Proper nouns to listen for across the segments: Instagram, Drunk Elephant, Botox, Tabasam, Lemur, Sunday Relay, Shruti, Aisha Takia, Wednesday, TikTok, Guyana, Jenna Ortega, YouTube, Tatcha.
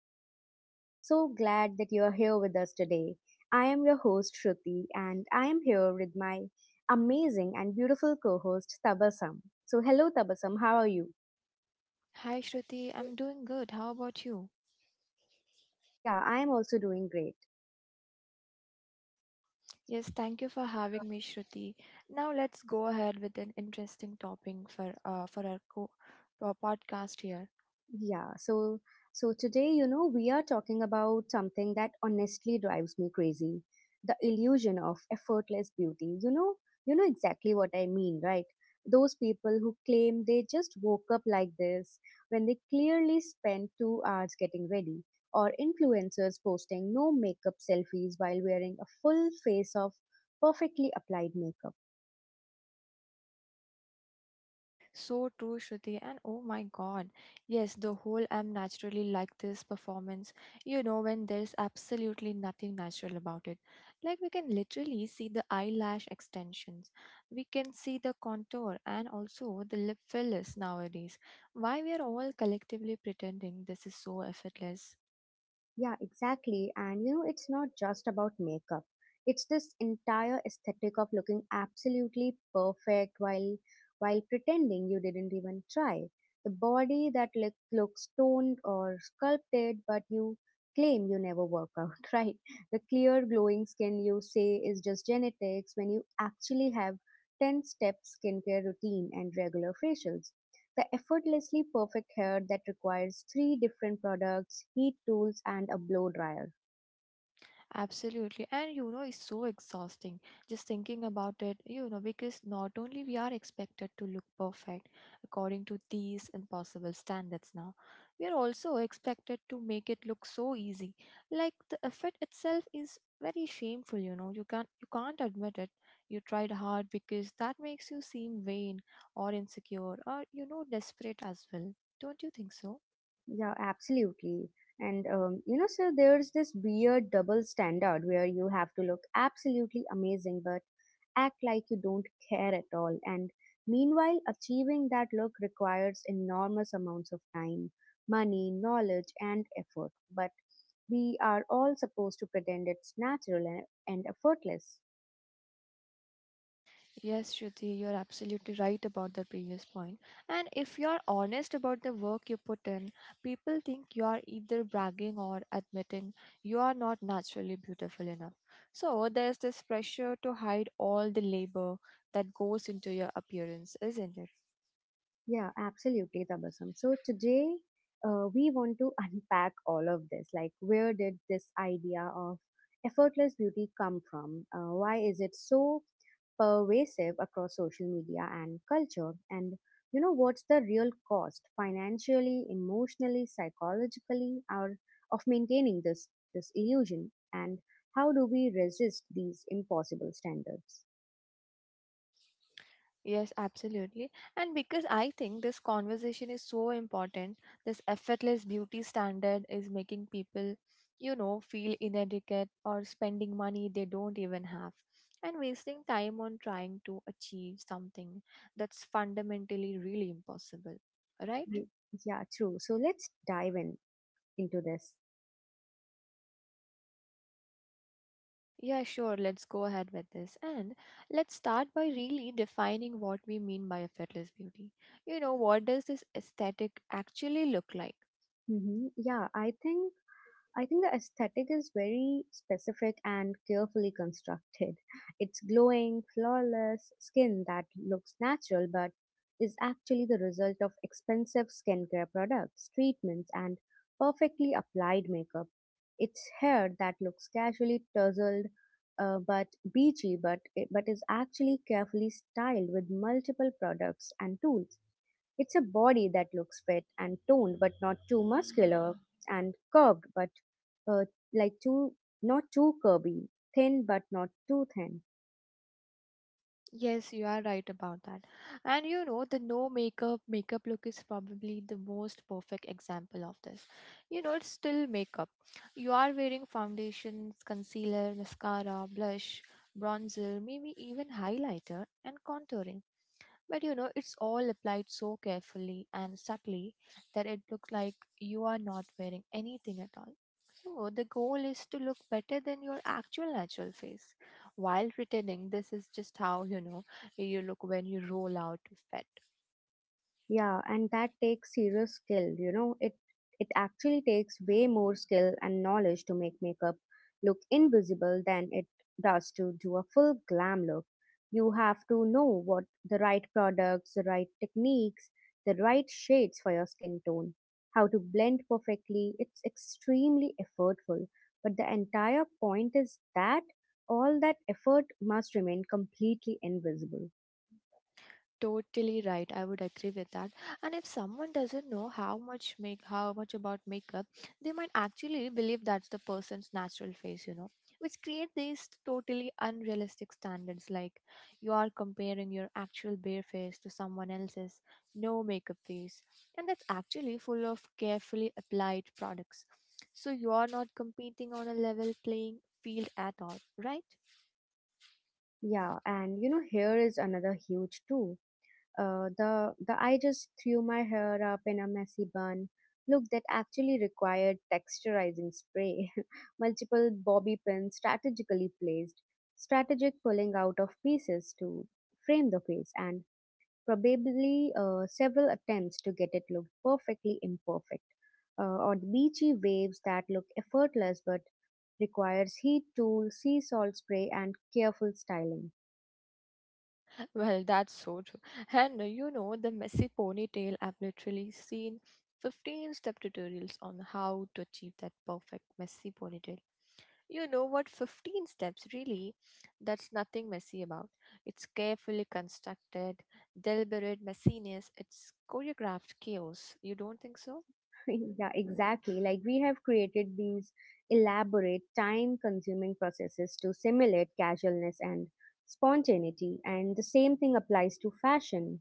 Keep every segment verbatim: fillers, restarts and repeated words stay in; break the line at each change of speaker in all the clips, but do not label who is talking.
the show. So glad that you are here with us today. I am your host Shruti and I am here with my amazing and beautiful co-host Tabasam. So hello Tabasam, how are you?
Hi Shruti, I'm doing good. How about you?
Yeah, I am also doing great.
Yes, thank you for having me, Shruti. Now let's go ahead with an interesting topic for uh, for our co- for our podcast here.
Yeah, so so today, you know, we are talking about something that honestly drives me crazy. The illusion of effortless beauty. You know, you know exactly what I mean, right? Those people who claim they just woke up like this when they clearly spent two hours getting ready, or influencers posting no makeup selfies while wearing a full face of perfectly applied makeup.
So true, Shruti. And oh my God, yes, the whole I'm naturally like this performance, you know, when there's absolutely nothing natural about it. Like we can literally see the eyelash extensions, we can see the contour, and also the lip fillers nowadays. Why we are all collectively pretending this is so effortless?
Yeah, exactly. And you know, it's not just about makeup. It's this entire aesthetic of looking absolutely perfect while while pretending you didn't even try. The body that look, looks toned or sculpted, but you claim you never work out, right? The clear glowing skin you say is just genetics when you actually have ten step skincare routine and regular facials. The effortlessly perfect hair that requires three different products, heat tools, and a blow dryer.
Absolutely. And you know, it's so exhausting just thinking about it, you know, because not only we are expected to look perfect according to these impossible standards now, we are also expected to make it look so easy. Like the effort itself is very shameful, you know. You can't you can't admit it. You tried hard because that makes you seem vain or insecure or you know desperate as well. Don't you think so?
Yeah, absolutely. And um, you know, so there's this weird double standard where you have to look absolutely amazing but act like you don't care at all. And meanwhile, achieving that look requires enormous amounts of time, money, knowledge, and effort. But we are all supposed to pretend it's natural and, and effortless.
Yes, Shruti, you're absolutely right about the previous point. And if you're honest about the work you put in, people think you are either bragging or admitting you are not naturally beautiful enough. So there's this pressure to hide all the labor that goes into your appearance, isn't it?
Yeah, absolutely, Tabasam. So today, uh, we want to unpack all of this. Like, where did this idea of effortless beauty come from? Uh, why is it so pervasive across social media and culture? And you know, what's the real cost, financially, emotionally, psychologically, or of maintaining this this illusion? And how do we resist these impossible standards?
Yes, absolutely. And because I think this conversation is so important, this effortless beauty standard is making people, you know, feel inadequate or spending money they don't even have and wasting time on trying to achieve something that's fundamentally really impossible. Right?
Ye- Yeah, true. So let's dive in into this.
Yeah, sure. Let's go ahead with this. And let's start by really defining what we mean by effortless beauty. You know, what does this aesthetic actually look like?
hmm Yeah, I think I think the aesthetic is very specific and carefully constructed. It's glowing, flawless skin that looks natural but is actually the result of expensive skincare products, treatments, and perfectly applied makeup. It's hair that looks casually tousled uh, but beachy but but is actually carefully styled with multiple products and tools. It's a body that looks fit and toned, but not too muscular and curved, but uh, like too not too curvy, thin but not too thin.
Yes, you are right about that. And you know, the no makeup makeup look is probably the most perfect example of this. You know, it's still makeup. You are wearing foundations, concealer, mascara, blush, bronzer, maybe even highlighter and contouring. But you know, it's all applied so carefully and subtly that it looks like you are not wearing anything at all. No, the goal is to look better than your actual natural face while pretending this is just how you know you look when you roll out of bed.
Yeah, and that takes serious skill, you know. It it actually takes way more skill and knowledge to make makeup look invisible than it does to do a full glam look. You have to know what the right products, the right techniques, the right shades for your skin tone, how to blend perfectly. It's extremely effortful, but the entire point is that all that effort must remain completely invisible.
Totally right, I would agree with that. And if someone doesn't know how much make how much about makeup, they might actually believe that's the person's natural face, you know, which create these totally unrealistic standards. Like you are comparing your actual bare face to someone else's no makeup face, and that's actually full of carefully applied products, so you are not competing on a level playing field at all, right?
Yeah, and you know, hair is another huge too. Uh, the the I just threw my hair up in a messy bun. Look, that actually required texturizing spray, multiple bobby pins strategically placed, strategic pulling out of pieces to frame the face, and probably uh, several attempts to get it look perfectly imperfect, uh, or the beachy waves that look effortless but requires heat tool, sea salt spray, and careful styling.
Well, that's so true. And uh, you know, the messy ponytail, I've literally seen fifteen step tutorials on how to achieve that perfect messy ponytail. You know what? fifteen steps, really? That's nothing messy about. It's carefully constructed, deliberate messiness, it's choreographed chaos. You don't think so?
Yeah, exactly. Like we have created these elaborate, time consuming processes to simulate casualness and spontaneity. And the same thing applies to fashion.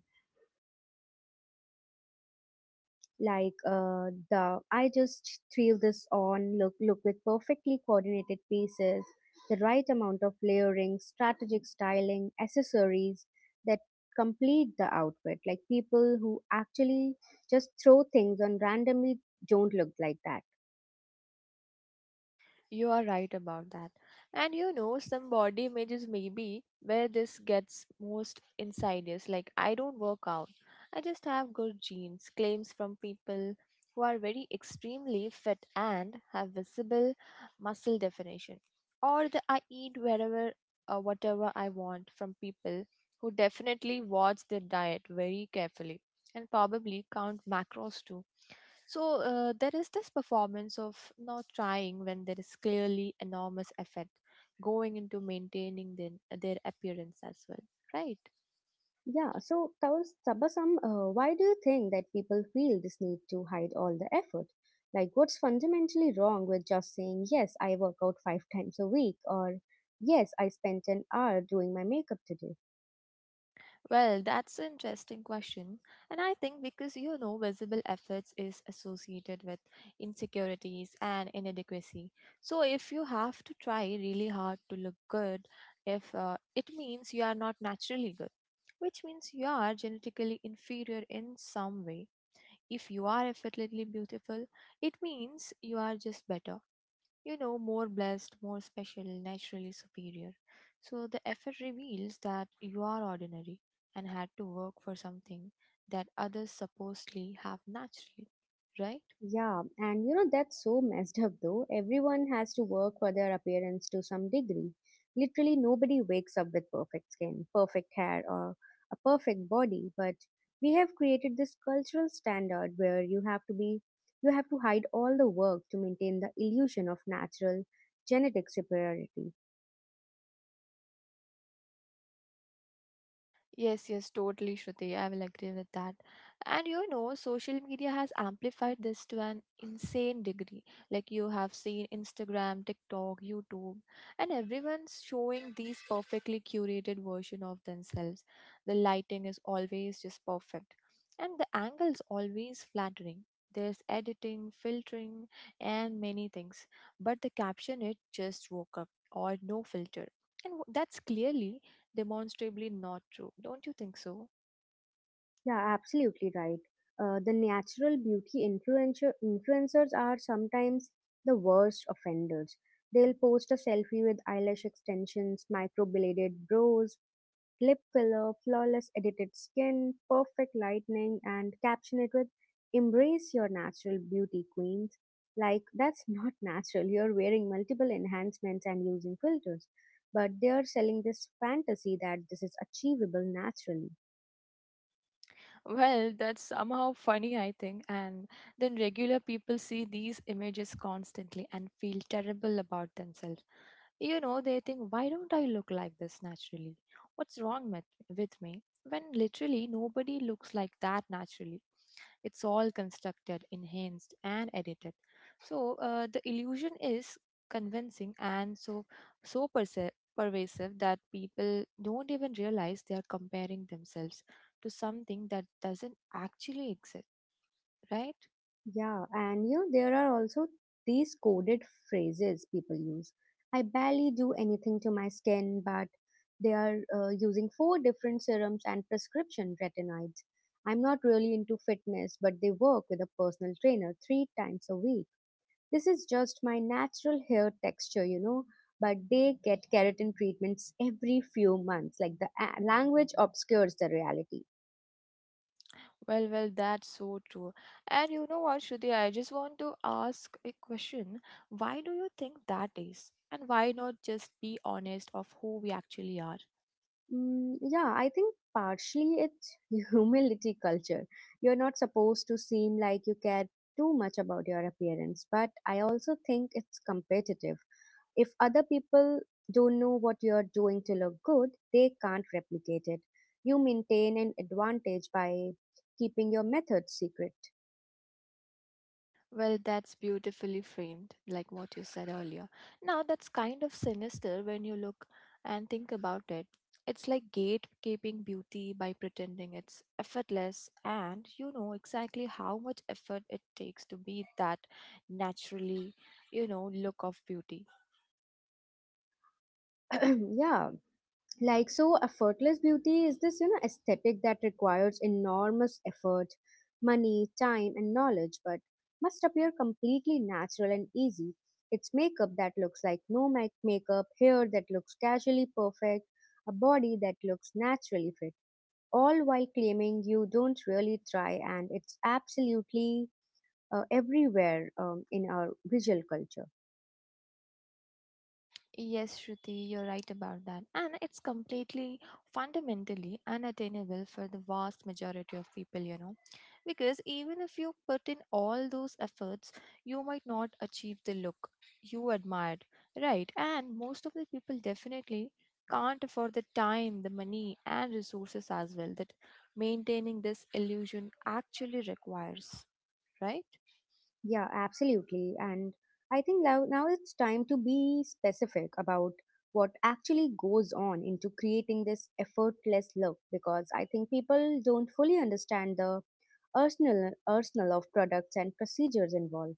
Like uh, the I just threw this on look look with perfectly coordinated pieces, the right amount of layering, strategic styling, accessories that complete the outfit. Like people who actually just throw things on randomly don't look like that.
You are right about that. And you know, some body images may be where this gets most insidious. Like, I don't work out, I just have good genes. Claims from people who are very extremely fit and have visible muscle definition. Or the I eat wherever or whatever I want from people who definitely watch their diet very carefully and probably count macros too. So uh, there is this performance of not trying when there is clearly enormous effort going into maintaining then uh, their appearance as well, right?
Yeah, so Tawas- Tabasam, uh, why do you think that people feel this need to hide all the effort? Like, what's fundamentally wrong with just saying, yes, I work out five times a week, or yes, I spent an hour doing my makeup today?
Well, that's an interesting question. And I think because you know, visible efforts is associated with insecurities and inadequacy. So, if you have to try really hard to look good, if uh, it means you are not naturally good, which means you are genetically inferior in some way. If you are effortlessly beautiful, it means you are just better, you know, more blessed, more special, naturally superior. So the effort reveals that you are ordinary and had to work for something that others supposedly have naturally, right?
Yeah, and you know, that's so messed up though. Everyone has to work for their appearance to some degree. Literally, nobody wakes up with perfect skin, perfect hair, or a perfect body, but we have created this cultural standard where you have to be, you have to hide all the work to maintain the illusion of natural genetic superiority.
Yes, yes, totally, Shruti. I will agree with that. And you know, social media has amplified this to an insane degree. Like you have seen Instagram, TikTok, YouTube, and everyone's showing these perfectly curated version of themselves. The lighting is always just perfect, and the angles always flattering. There's editing, filtering, and many things. But the caption it just woke up or no filter. And w- that's clearly demonstrably not true. Don't you think so?
Yeah, absolutely right. Uh, the natural beauty influencer influencers are sometimes the worst offenders. They'll post a selfie with eyelash extensions, microbladed brows, lip filler, flawless edited skin, perfect lightning, and caption it with "Embrace your natural beauty, queens." Like that's not natural. You're wearing multiple enhancements and using filters, but they are selling this fantasy that this is achievable naturally.
Well, that's somehow funny, I think. And then regular people see these images constantly and feel terrible about themselves. You know, they think, why don't I look like this naturally? What's wrong with, with me? When literally nobody looks like that naturally. It's all constructed, enhanced, and edited. So uh, the illusion is convincing and so so perse- pervasive that people don't even realize they are comparing themselves to something that doesn't actually exist. Right?
Yeah, and you know, there are also these coded phrases people use. I barely do anything to my skin, but they are uh, using four different serums and prescription retinoids. I'm not really into fitness, but they work with a personal trainer three times a week. This is just my natural hair texture, you know, but they get keratin treatments every few months. Like the a- language obscures the reality.
Well, well, that's so true. And you know what, Shruti, I just want to ask a question. Why do you think that is? And why not just be honest of who we actually are?
Mm, yeah, I think partially it's humility culture. You're not supposed to seem like you care too much about your appearance, but I also think it's competitive. If other people don't know what you're doing to look good, they can't replicate it. You maintain an advantage by keeping your methods secret.
Well, that's beautifully framed, like what you said earlier. Now, that's kind of sinister when you look and think about it. It's like gatekeeping beauty by pretending it's effortless, and you know exactly how much effort it takes to be that naturally, you know, look of beauty.
Yeah, like so effortless beauty is this, you know, aesthetic that requires enormous effort, money, time, and knowledge, but must appear completely natural and easy. It's makeup that looks like no make- makeup, hair that looks casually perfect, a body that looks naturally fit, all while claiming you don't really try. And it's absolutely uh, everywhere um, in our visual culture.
Yes, Shruti, you're right about that. And it's completely fundamentally unattainable for the vast majority of people, you know. Because even if you put in all those efforts, you might not achieve the look you admired, right? And most of the people definitely can't afford the time, the money, and resources as well that maintaining this illusion actually requires, right?
Yeah, absolutely. And I think now, now it's time to be specific about what actually goes on into creating this effortless look because I think people don't fully understand the arsenal arsenal of products and procedures involved.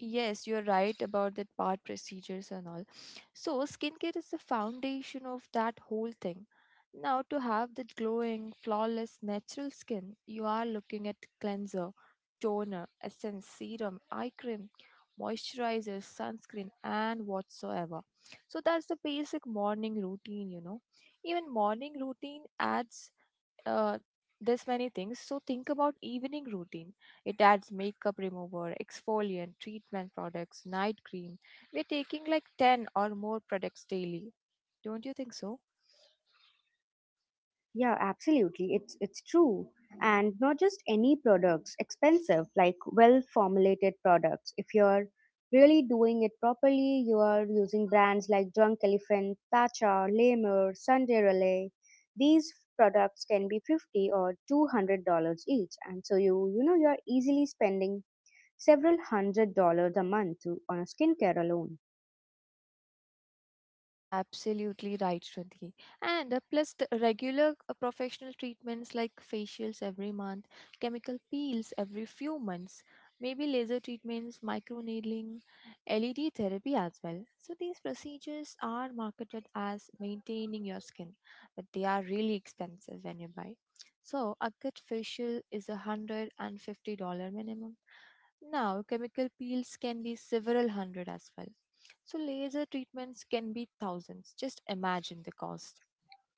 Yes, you're right about that part, procedures and all. So, skincare is the foundation of that whole thing. Now, to have that glowing, flawless, natural skin, you are looking at cleanser, toner, essence, serum, eye cream, moisturizer, sunscreen, and whatsoever. So, that's the basic morning routine, you know. Even morning routine adds uh, this many things. So, think about evening routine, it adds makeup remover, exfoliant, treatment products, night cream. We're taking like ten or more products daily. Don't you think so?
Yeah, absolutely. It's it's true. And not just any products, expensive, like well formulated products. If you're really doing it properly, you are using brands like Drunk Elephant, Tatcha, Lemur, Sunday Relay. These products can be fifty or two hundred dollars each. And so you you know you are easily spending several hundred dollars a month to, on a skincare alone.
Absolutely right, Shruti. And uh, plus the regular uh, professional treatments like facials every month, chemical peels every few months, maybe laser treatments, microneedling, L E D therapy as well. So these procedures are marketed as maintaining your skin, but they are really expensive when you buy. So a good facial is a hundred and fifty dollar minimum, now, chemical peels can be several hundred as well. So, laser treatments can be thousands. Just imagine the cost.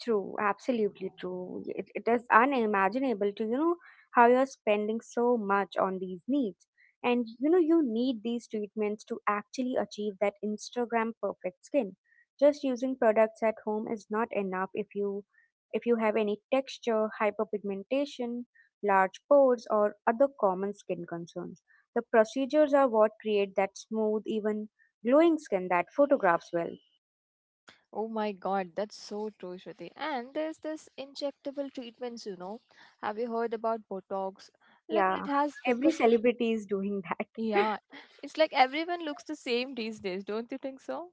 True, absolutely true. It, it is unimaginable to, you know, how you're spending so much on these needs. And, you know, you need these treatments to actually achieve that Instagram perfect skin. Just using products at home is not enough if you if you have any texture, hyperpigmentation, large pores or other common skin concerns. The procedures are what create that smooth, even glowing skin that photographs well.
Oh my God, that's so true, Shruti. And there's this injectable treatments, you know. Have you heard about Botox? Like, it
Yeah,
has
every
become,
celebrity is doing that.
yeah, it's like everyone looks the same these days, don't you think so?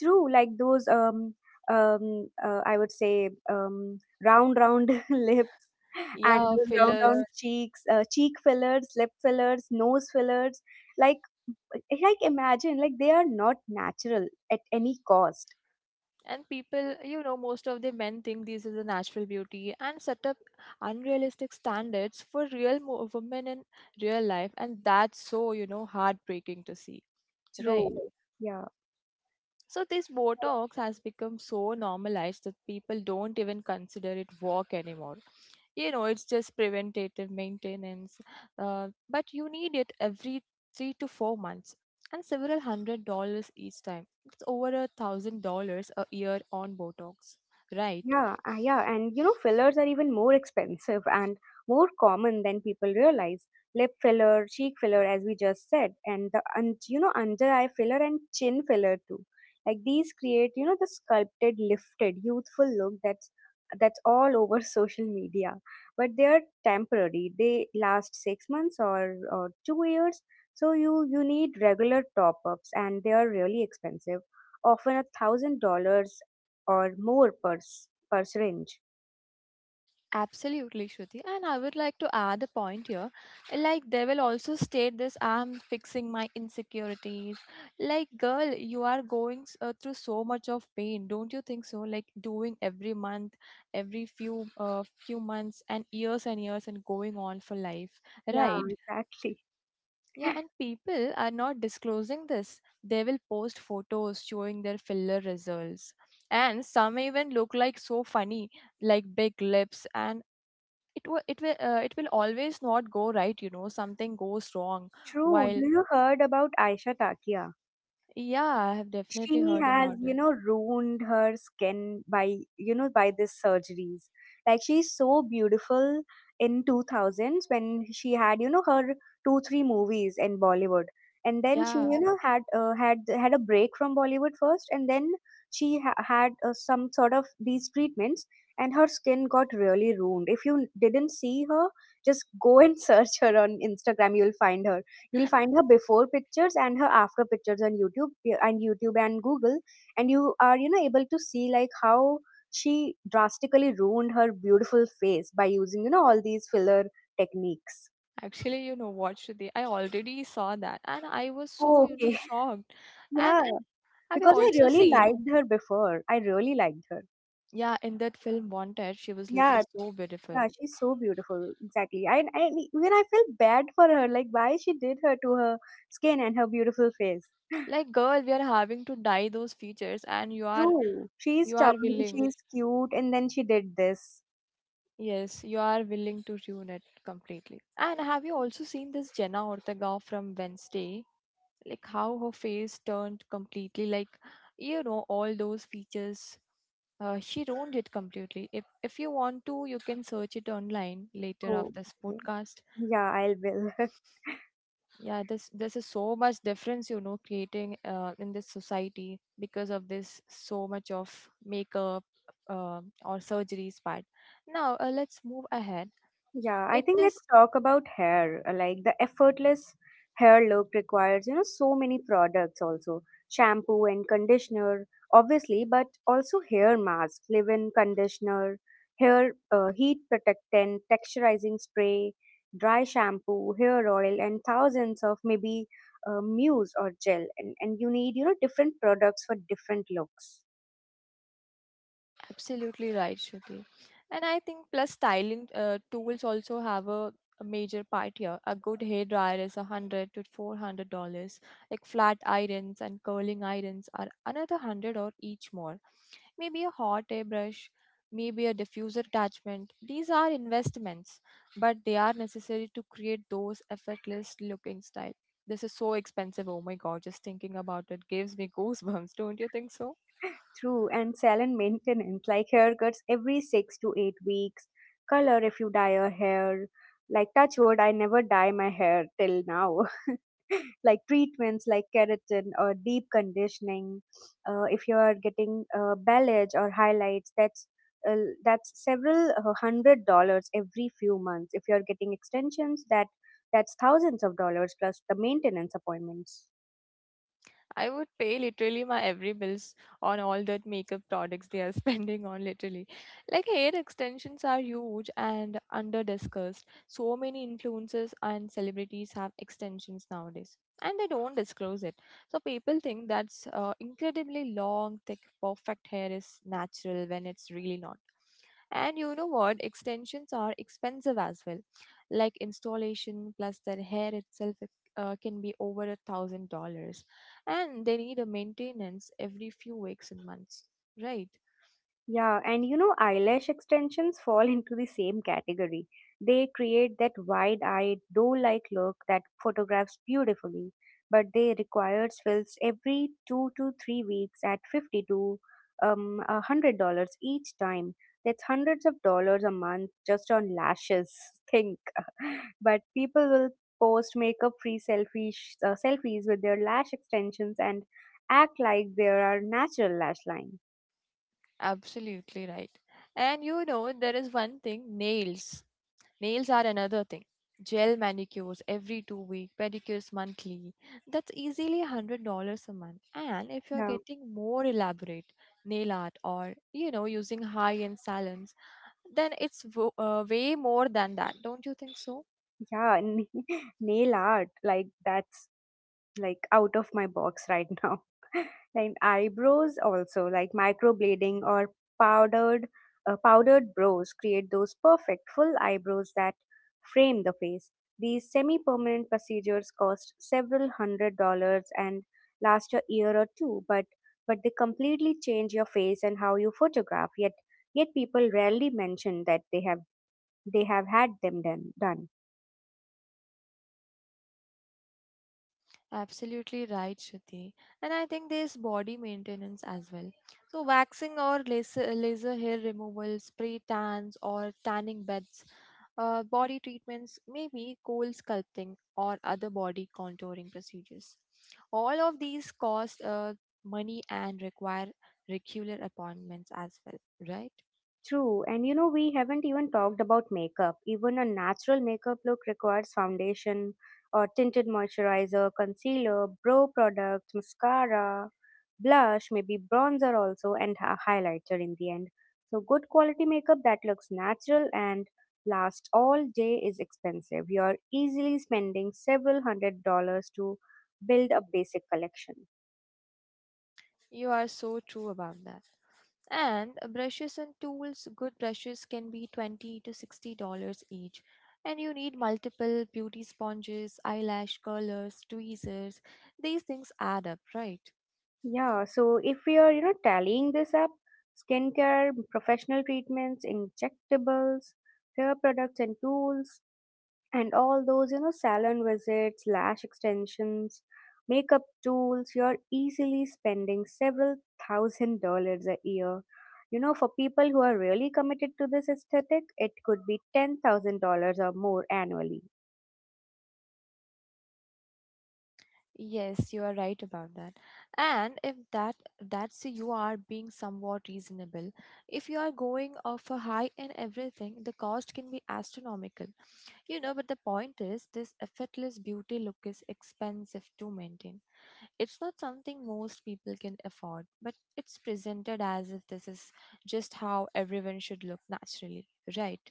True, like those um um uh, I would say um round round lips and
Yeah,
those round
fillers.
round. Yes. Cheeks, uh, cheek fillers, lip fillers, nose fillers. Like eh, like imagine like they are not natural at any cost.
And people, you know, most of the men think these is a natural beauty and set up unrealistic standards for real mo- women in real life. And that's so, you know, heartbreaking to see, right?
True. Yeah.
So this Botox has become so normalized that people don't even consider it work anymore. You know, it's just preventative maintenance, uh, but you need it every three to four months and several hundred dollars each time. It's over a thousand dollars a year on Botox, right?
Yeah, uh, yeah, and you know, fillers are even more expensive and more common than people realize. Lip filler, cheek filler, as we just said, and the un- you know under eye filler and chin filler too. Like these create, you know, the sculpted, lifted, youthful look that's that's all over social media. But they are temporary. They last six months or, or two years. So you you need regular top ups, and they are really expensive, often a thousand dollars or more per, s- per syringe.
Absolutely, Shruti. And I would like to add a point here. Like, they will also state this I'm fixing my insecurities. Like, girl, you are going s- uh, through so much of pain. Don't you think so? Like, doing every month, every few uh, few months, and years and years, and going on for life.
Yeah,
Right.
exactly.
Yeah, and people are not disclosing this. They will post photos showing their filler results. And some even look like so funny, like big lips, and it will it will uh, it will always not go right, you know, something goes wrong.
True.
While,
Do you heard about Aisha Takia?
yeah, I have definitely
She
heard
has,
about
you
it.
know, ruined her skin by, you know, by these surgeries. Like she's so beautiful in two thousands when she had, you know, her two three movies in Bollywood. And then she,
Yeah,
you know, had uh, had had a break from Bollywood first, and then she ha- had uh, some sort of these treatments, and her skin got really ruined. If you didn't see her, just go and search her on Instagram. You'll find her. You'll find her before pictures and her after pictures on YouTube, yeah, and YouTube and Google, and you are, you know, able to see like how she drastically ruined her beautiful face by using, you know, all these filler techniques.
actually, you know what, Shruti, I already saw that and I was so,
Oh,
you know,
okay.
shocked. and
Yeah,
I- have you
because I
also
really
seen,
liked her before. I really liked her.
yeah, in that film Wanted, she was looking
Yeah,
so beautiful.
yeah, she's so beautiful. Exactly. I, I even I felt bad for her. Like why she did her to her skin and her beautiful face.
Like girl, we are having to dye those features and you are
True. She's
you are
chubby,
willing
she's cute, and then she did this.
yes you are willing to ruin it completely. And have you also seen this Jenna Ortega from Wednesday, like how her face turned completely, like, you know, all those features, uh, she ruined it completely. if if you want to, you can search it online later
Oh,
after this
okay.
podcast.
Yeah, I will.
Yeah, this this is so much difference, you know, creating uh, in this society because of this so much of makeup uh, or surgeries part. Now uh, let's move ahead.
Yeah, I
It
think let's
this
talk about hair. uh, Like the effortless hair look requires, you know, so many products also. Shampoo and conditioner, obviously, but also hair mask, leave-in conditioner, hair uh, heat protectant, texturizing spray, dry shampoo, hair oil, and thousands of maybe uh, mousse or gel. And, and you need, you know, different products for different looks.
Absolutely right, Shruti. And I think plus styling uh, tools also have a, a major part here. A good hair dryer is a hundred to four hundred dollars. Like flat irons and curling irons are another hundred or each more. Maybe a hot airbrush, maybe a diffuser attachment. These are investments, but they are necessary to create those effortless looking style. This is so expensive. Oh my god, just thinking about it gives me goosebumps. Don't you think so?
True, and salon maintenance, like haircuts every six to eight weeks, color if you dye your hair. Like touch wood, I never dye my hair till now. Like treatments like keratin or deep conditioning. Uh, if you are getting uh, bell edge or highlights, that's uh, that's several uh, hundred dollars every few months. If you are getting extensions, that that's thousands of dollars plus the maintenance appointments.
I would pay literally my every bills on all that makeup products they are spending on literally. Like hair extensions are huge and under discussed. So many influencers and celebrities have extensions nowadays and they don't disclose it. So people think that's uh, incredibly long, thick, perfect hair is natural when it's really not. And you know what? Extensions are expensive as well. Like installation plus their hair itself it, uh, can be over a thousand dollars, and they need a maintenance every few weeks and months, right?
Yeah, and you know, eyelash extensions fall into the same category. They create that wide eyed, doe like look that photographs beautifully, but they require fills every two to three weeks at fifty to um, a a hundred dollars each time. That's hundreds of dollars a month just on lashes. Think. But people will post makeup free selfies, uh, selfies with their lash extensions and act like there are natural lash lines.
Absolutely right. And you know, there is one thing nails. Nails are another thing. Gel manicures every two weeks, pedicures monthly. That's easily one hundred dollars a month. And if you're getting more elaborate nail art or, you know, using high-end salons, then it's wo- uh, way more than that. Don't you think so?
Yeah. Na- nail art, like that's like out of my box right now. And eyebrows also, like microblading or powdered uh, powdered brows create those perfect full eyebrows that frame the face. These semi-permanent procedures cost several hundred dollars and last a year or two, but but they completely change your face and how you photograph. Yet yet people rarely mention that they have they have had them done done.
Absolutely right, Shruti. And I think there's body maintenance as well. So, waxing or laser, laser hair removal, spray tans, or tanning beds, uh, body treatments, maybe cold sculpting, or other body contouring procedures. All of these cost uh, money and require regular appointments as well, right?
True, and you know, we haven't even talked about makeup. Even a natural makeup look requires foundation or tinted moisturizer, concealer, brow product, mascara, blush, maybe bronzer also, and a highlighter in the end. So, good quality makeup that looks natural and lasts all day is expensive. You're easily spending several hundred dollars to build a basic collection.
You are so true about that. And brushes and tools, good brushes can be twenty to sixty dollars each. And you need multiple beauty sponges, eyelash curlers, tweezers. These things add up, right?
Yeah, so if we are, you know, tallying this up, skincare, professional treatments, injectables, hair products and tools, and all those, you know, salon visits, lash extensions, makeup tools, you're easily spending several thousand dollars a year. You know, for people who are really committed to this aesthetic, it could be ten thousand dollars or more annually.
Yes, you are right about that. And if that that's you are being somewhat reasonable, if you are going off a high in everything, the cost can be astronomical. You know, but the point is this effortless beauty look is expensive to maintain. It's not something most people can afford, but it's presented as if this is just how everyone should look naturally, right?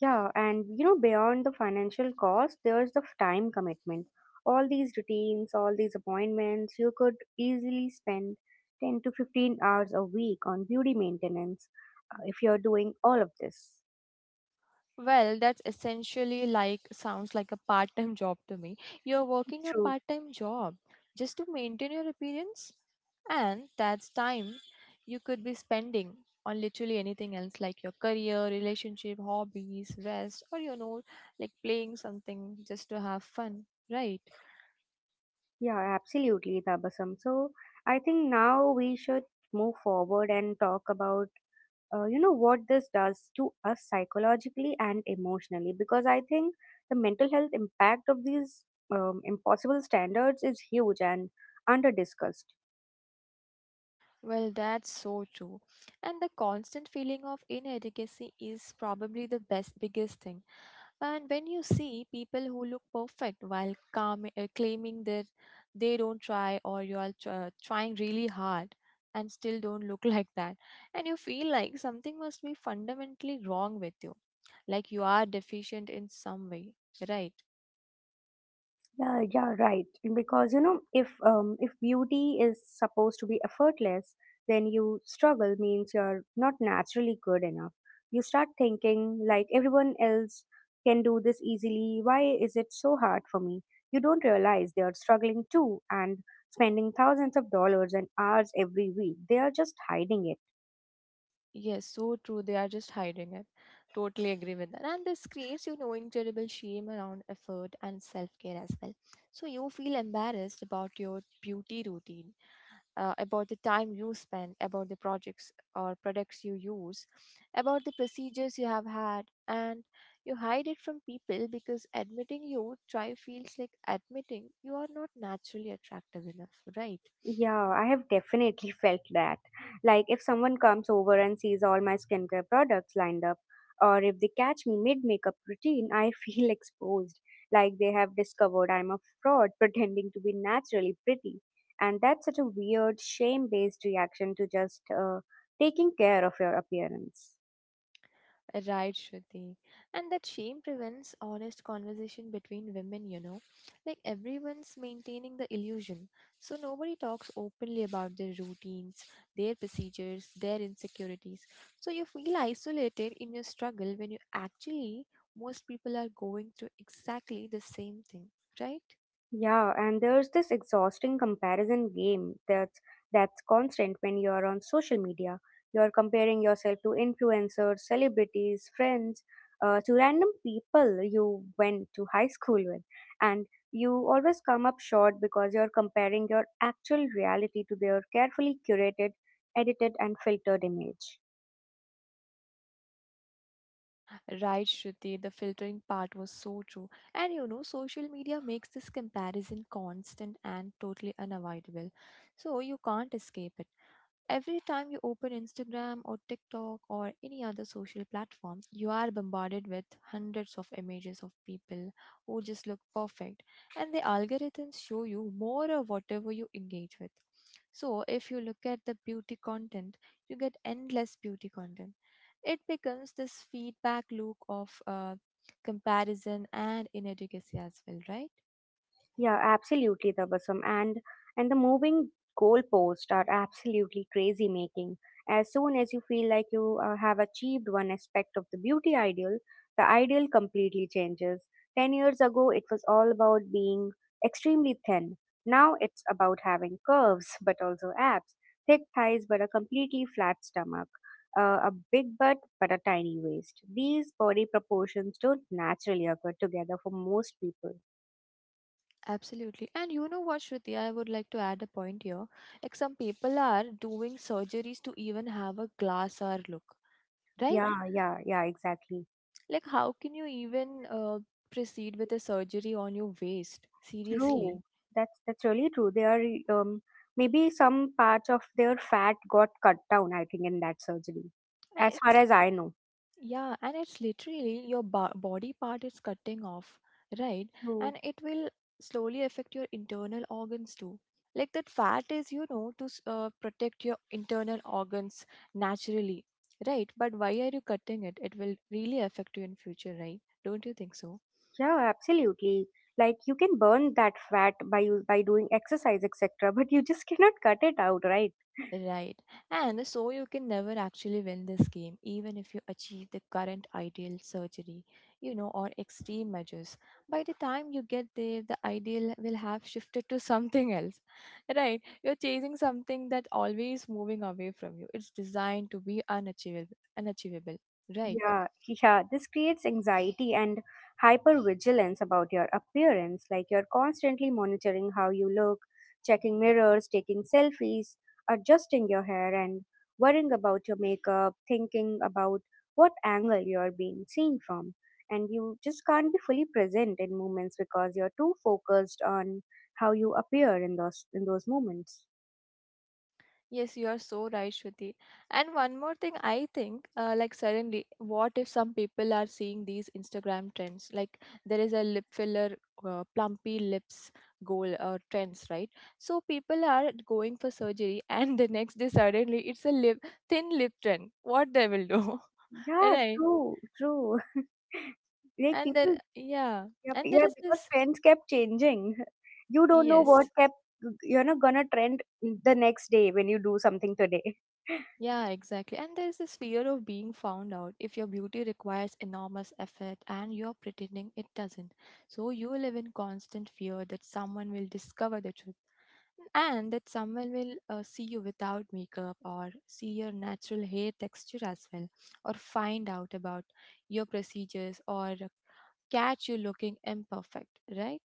Yeah, and you know, beyond the financial cost, there's the time commitment. All these routines, all these appointments, you could easily spend ten to fifteen hours a week on beauty maintenance uh, if you're doing all of this.
Well, that's essentially like sounds like a part-time job to me. You're working a
True.
part-time job just to maintain your appearance, and that's time you could be spending on literally anything else like your career, relationship, hobbies, rest, or you know, like playing something just to have fun. Right.
Yeah, absolutely, Tabasam. So I think now we should move forward and talk about uh, you know what this does to us psychologically and emotionally, because I think the mental health impact of these um, impossible standards is huge and under discussed.
Well, that's so true. And the constant feeling of inadequacy is probably the best biggest thing. And when you see people who look perfect while calm, uh, claiming that they don't try or you are tr- trying really hard and still don't look like that, and you feel like something must be fundamentally wrong with you, like you are deficient in some way, right?
Yeah, yeah, right. And because you know, if um, if beauty is supposed to be effortless, then you struggle means you're not naturally good enough. You start thinking like everyone else can do this easily. Why is it so hard for me? You don't realize they are struggling too and spending thousands of dollars and hours every week. They are just hiding it.
Yes, so true. They are just hiding it. Totally agree with that. And this creates, you know, incredible shame around effort and self care as well. So you feel embarrassed about your beauty routine uh, about the time you spend, about the projects or products you use, about the procedures you have had, and you hide it from people because admitting you try feels like admitting you are not naturally attractive enough, right?
Yeah, I have definitely felt that. Like, if someone comes over and sees all my skincare products lined up, or if they catch me mid makeup routine, I feel exposed. Like, they have discovered I'm a fraud pretending to be naturally pretty. And that's such a weird, shame based reaction to just uh, taking care of your appearance.
Right, Shruti. And that shame prevents honest conversation between women, you know. Like everyone's maintaining the illusion. So nobody talks openly about their routines, their procedures, their insecurities. So you feel isolated in your struggle when you actually, most people are going through exactly the same thing, right?
Yeah, and there's this exhausting comparison game that's that's constant when you're on social media. You're comparing yourself to influencers, celebrities, friends, uh, to random people you went to high school with, and you always come up short because you're comparing your actual reality to their carefully curated, edited, and filtered image.
Right, Shruti, the filtering part was so true. And you know, social media makes this comparison constant and totally unavoidable. So you can't escape it. Every time you open Instagram or TikTok or any other social platforms, you are bombarded with hundreds of images of people who just look perfect, and the algorithms show you more of whatever you engage with. So, if you look at the beauty content, you get endless beauty content. It becomes this feedback loop of uh, comparison and inadequacy as well, right?
Yeah, absolutely, Tabasum. And and the moving goalposts are absolutely crazy making. As soon as you feel like you uh, have achieved one aspect of the beauty ideal, the ideal completely changes. Ten years ago, it was all about being extremely thin. Now it's about having curves, but also abs, thick thighs, but a completely flat stomach, uh, a big butt, but a tiny waist. These body proportions don't naturally occur together for most people.
Absolutely. And you know what, Shruti, I would like to add a point here. Like some people are doing surgeries to even have a glass hour look, right?
Yeah, yeah, yeah, exactly.
Like how can you even uh, proceed with a surgery on your waist? Seriously.
True. That's that's really true. They are um maybe some parts of their fat got cut down, I think, in that surgery.
Uh,
As far
it's.
as I know.
Yeah, and it's literally your bo- body part is cutting off, right?
True.
And it will slowly affect your internal organs too. Like that fat is, you know, to s- uh, protect your internal organs naturally, right? But why are you cutting it? It will really affect you in future, right? Don't you think so?
Yeah, absolutely. Like you can burn that fat by you by doing exercise, et cetera, but you just cannot cut it out, right?
Right. And so you can never actually win this game, even if you achieve the current ideal surgery, you know, or extreme measures. By the time you get there, the ideal will have shifted to something else. Right. You're chasing something that always moving away from you. It's designed to be unachievable unachievable. Right.
Yeah, yeah, this creates anxiety and hypervigilance about your appearance. Like you're constantly monitoring how you look, checking mirrors, taking selfies, adjusting your hair, and worrying about your makeup, thinking about what angle you're being seen from. And you just can't be fully present in moments because you're too focused on how you appear in those in those moments.
Yes, you are so right, Shruti. And one more thing, I think, uh, like suddenly, what if some people are seeing these Instagram trends? Like there is a lip filler, uh, plumpy lips goal or trends, right? So people are going for surgery, and the next day suddenly it's a lip thin lip trend. What they will do,
Yeah,
right?
true, true. Like
And there,
people.
yeah,
Yep,
and there
yeah,
is
because
this.
trends kept changing. You don't know what
Yes,
kept you know gonna trend the next day when you do something today.
yeah, exactly. And there's this fear of being found out if your beauty requires enormous effort and you're pretending it doesn't. So you live in constant fear that someone will discover the truth and that someone will uh, see you without makeup or see your natural hair texture as well or find out about your procedures or catch you looking imperfect, right?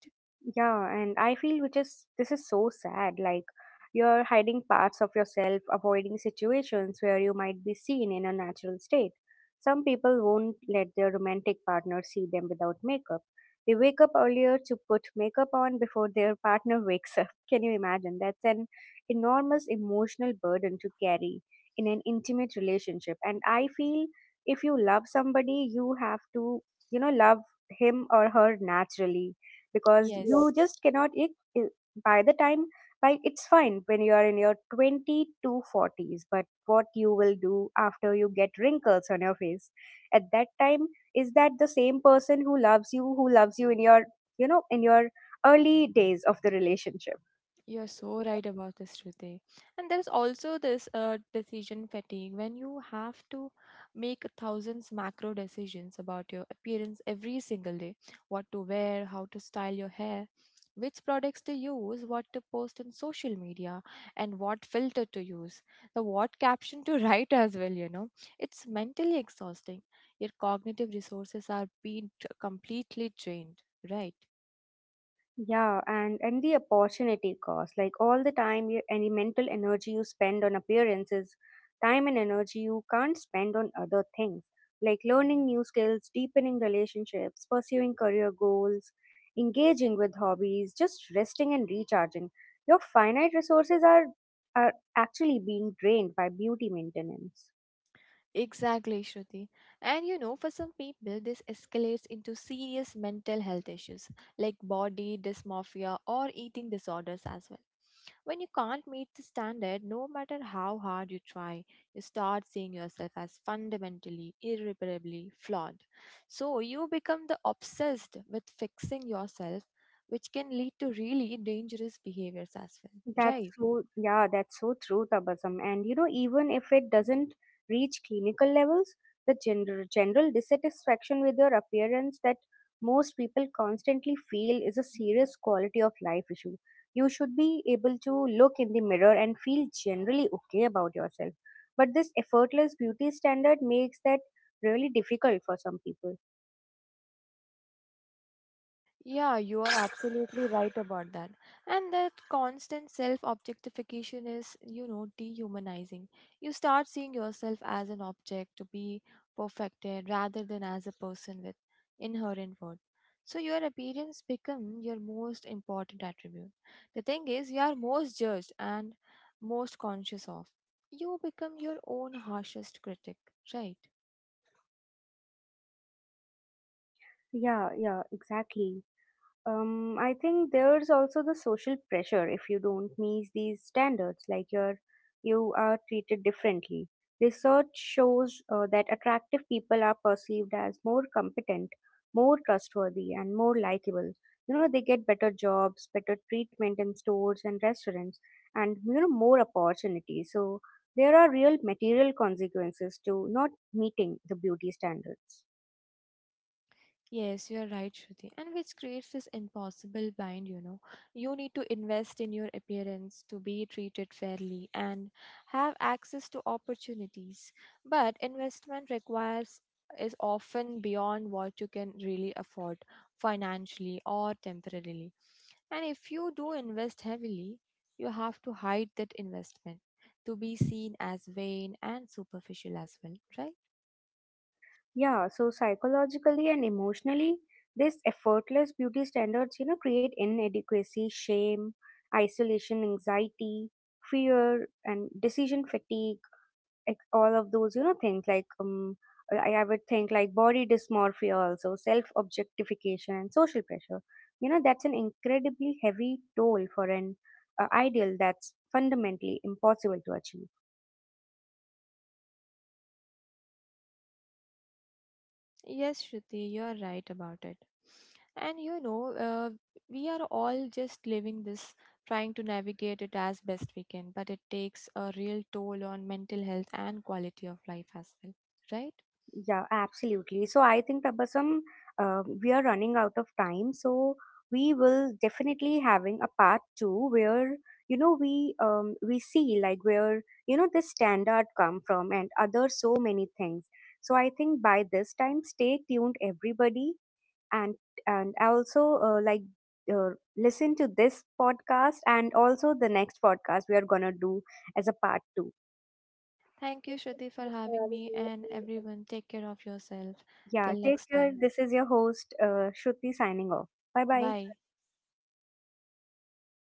Yeah, and I feel which is this is so sad. Like you're hiding parts of yourself, avoiding situations where you might be seen in a natural state. Some people won't let their romantic partner see them without makeup. They wake up earlier to put makeup on before their partner wakes up. Can you imagine? That's an enormous emotional burden to carry in an intimate relationship. And I feel if you love somebody, you have to, you know, love him or her naturally, because you
Yes.
yes just cannot it, it- by the time, like, it's fine when you are in your twenty to forties, but what you will do after you get wrinkles on your face, at that time, is that the same person who loves you, who loves you in your, you know, in your early days of the relationship?
You're so right about this, Shruti. And there's also this uh, decision fatigue when you have to make thousands macro decisions about your appearance every single day, what to wear, how to style your hair, which products to use, what to post on social media, and what filter to use, the what caption to write as well, you know. It's mentally exhausting. Your cognitive resources are being t- completely drained, right?
Yeah, and and the opportunity cost, like all the time you, any mental energy you spend on appearances, time and energy you can't spend on other things, like learning new skills, deepening relationships, pursuing career goals, engaging with hobbies, just resting and recharging. Your finite resources are are actually being drained by beauty maintenance.
Exactly, Shruti. And you know, for some people, this escalates into serious mental health issues like body dysmorphia or eating disorders as well. When you can't meet the standard, no matter how hard you try, you start seeing yourself as fundamentally, irreparably flawed. So you become the obsessed with fixing yourself, which can lead to really dangerous behaviors as well,
That's
right?
so, yeah, that's so true, Tabasum. And you know, even if it doesn't reach clinical levels, the general, general dissatisfaction with your appearance that most people constantly feel is a serious quality of life issue. You should be able to look in the mirror and feel generally okay about yourself. But this effortless beauty standard makes that really difficult for some people.
Yeah, you are absolutely right about that. And that constant self objectification is, you know, dehumanizing. You start seeing yourself as an object to be perfected rather than as a person with inherent worth. So your appearance becomes your most important attribute. The thing is, you are most judged and most conscious of. You become your own harshest critic, right?
Yeah, yeah, exactly. Um, I think there's also the social pressure if you don't meet these standards, like you're you are treated differently. Research shows uh, that attractive people are perceived as more competent, more trustworthy, and more likable. You know, they get better jobs, better treatment in stores and restaurants, and you know more opportunities. So there are real material consequences to not meeting the beauty standards.
Yes, you are right, Shruti. And which creates this impossible bind, you know. You need to invest in your appearance to be treated fairly and have access to opportunities. But investment requires is often beyond what you can really afford financially or temporarily. And if you do invest heavily, you have to hide that investment to be seen as vain and superficial as well, right?
Yeah, so psychologically and emotionally, these effortless beauty standards, you know, create inadequacy, shame, isolation, anxiety, fear, and decision fatigue. ex- All of those, you know, things like um, I, I would think like body dysmorphia, also self objectification, and social pressure. You know, that's an incredibly heavy toll for an uh, ideal that's fundamentally impossible to achieve.
Yes, Shruti, you are right about it. And you know, uh, we are all just living this, trying to navigate it as best we can, but it takes a real toll on mental health and quality of life as well, right?
Yeah, absolutely. So I think Tabasam, uh, we are running out of time. So we will definitely having a part two where you know we um we see like where you know this standard come from and other so many things. So I think by this time, stay tuned, everybody, and and also uh, like uh, listen to this podcast and also the next podcast we are gonna do as a part two.
Thank you, Shruti, for having me, and everyone, take care of yourself.
Yeah,
Till
take
next
care.
time.
This is your host, uh, Shruti, signing off. Bye bye.
Bye.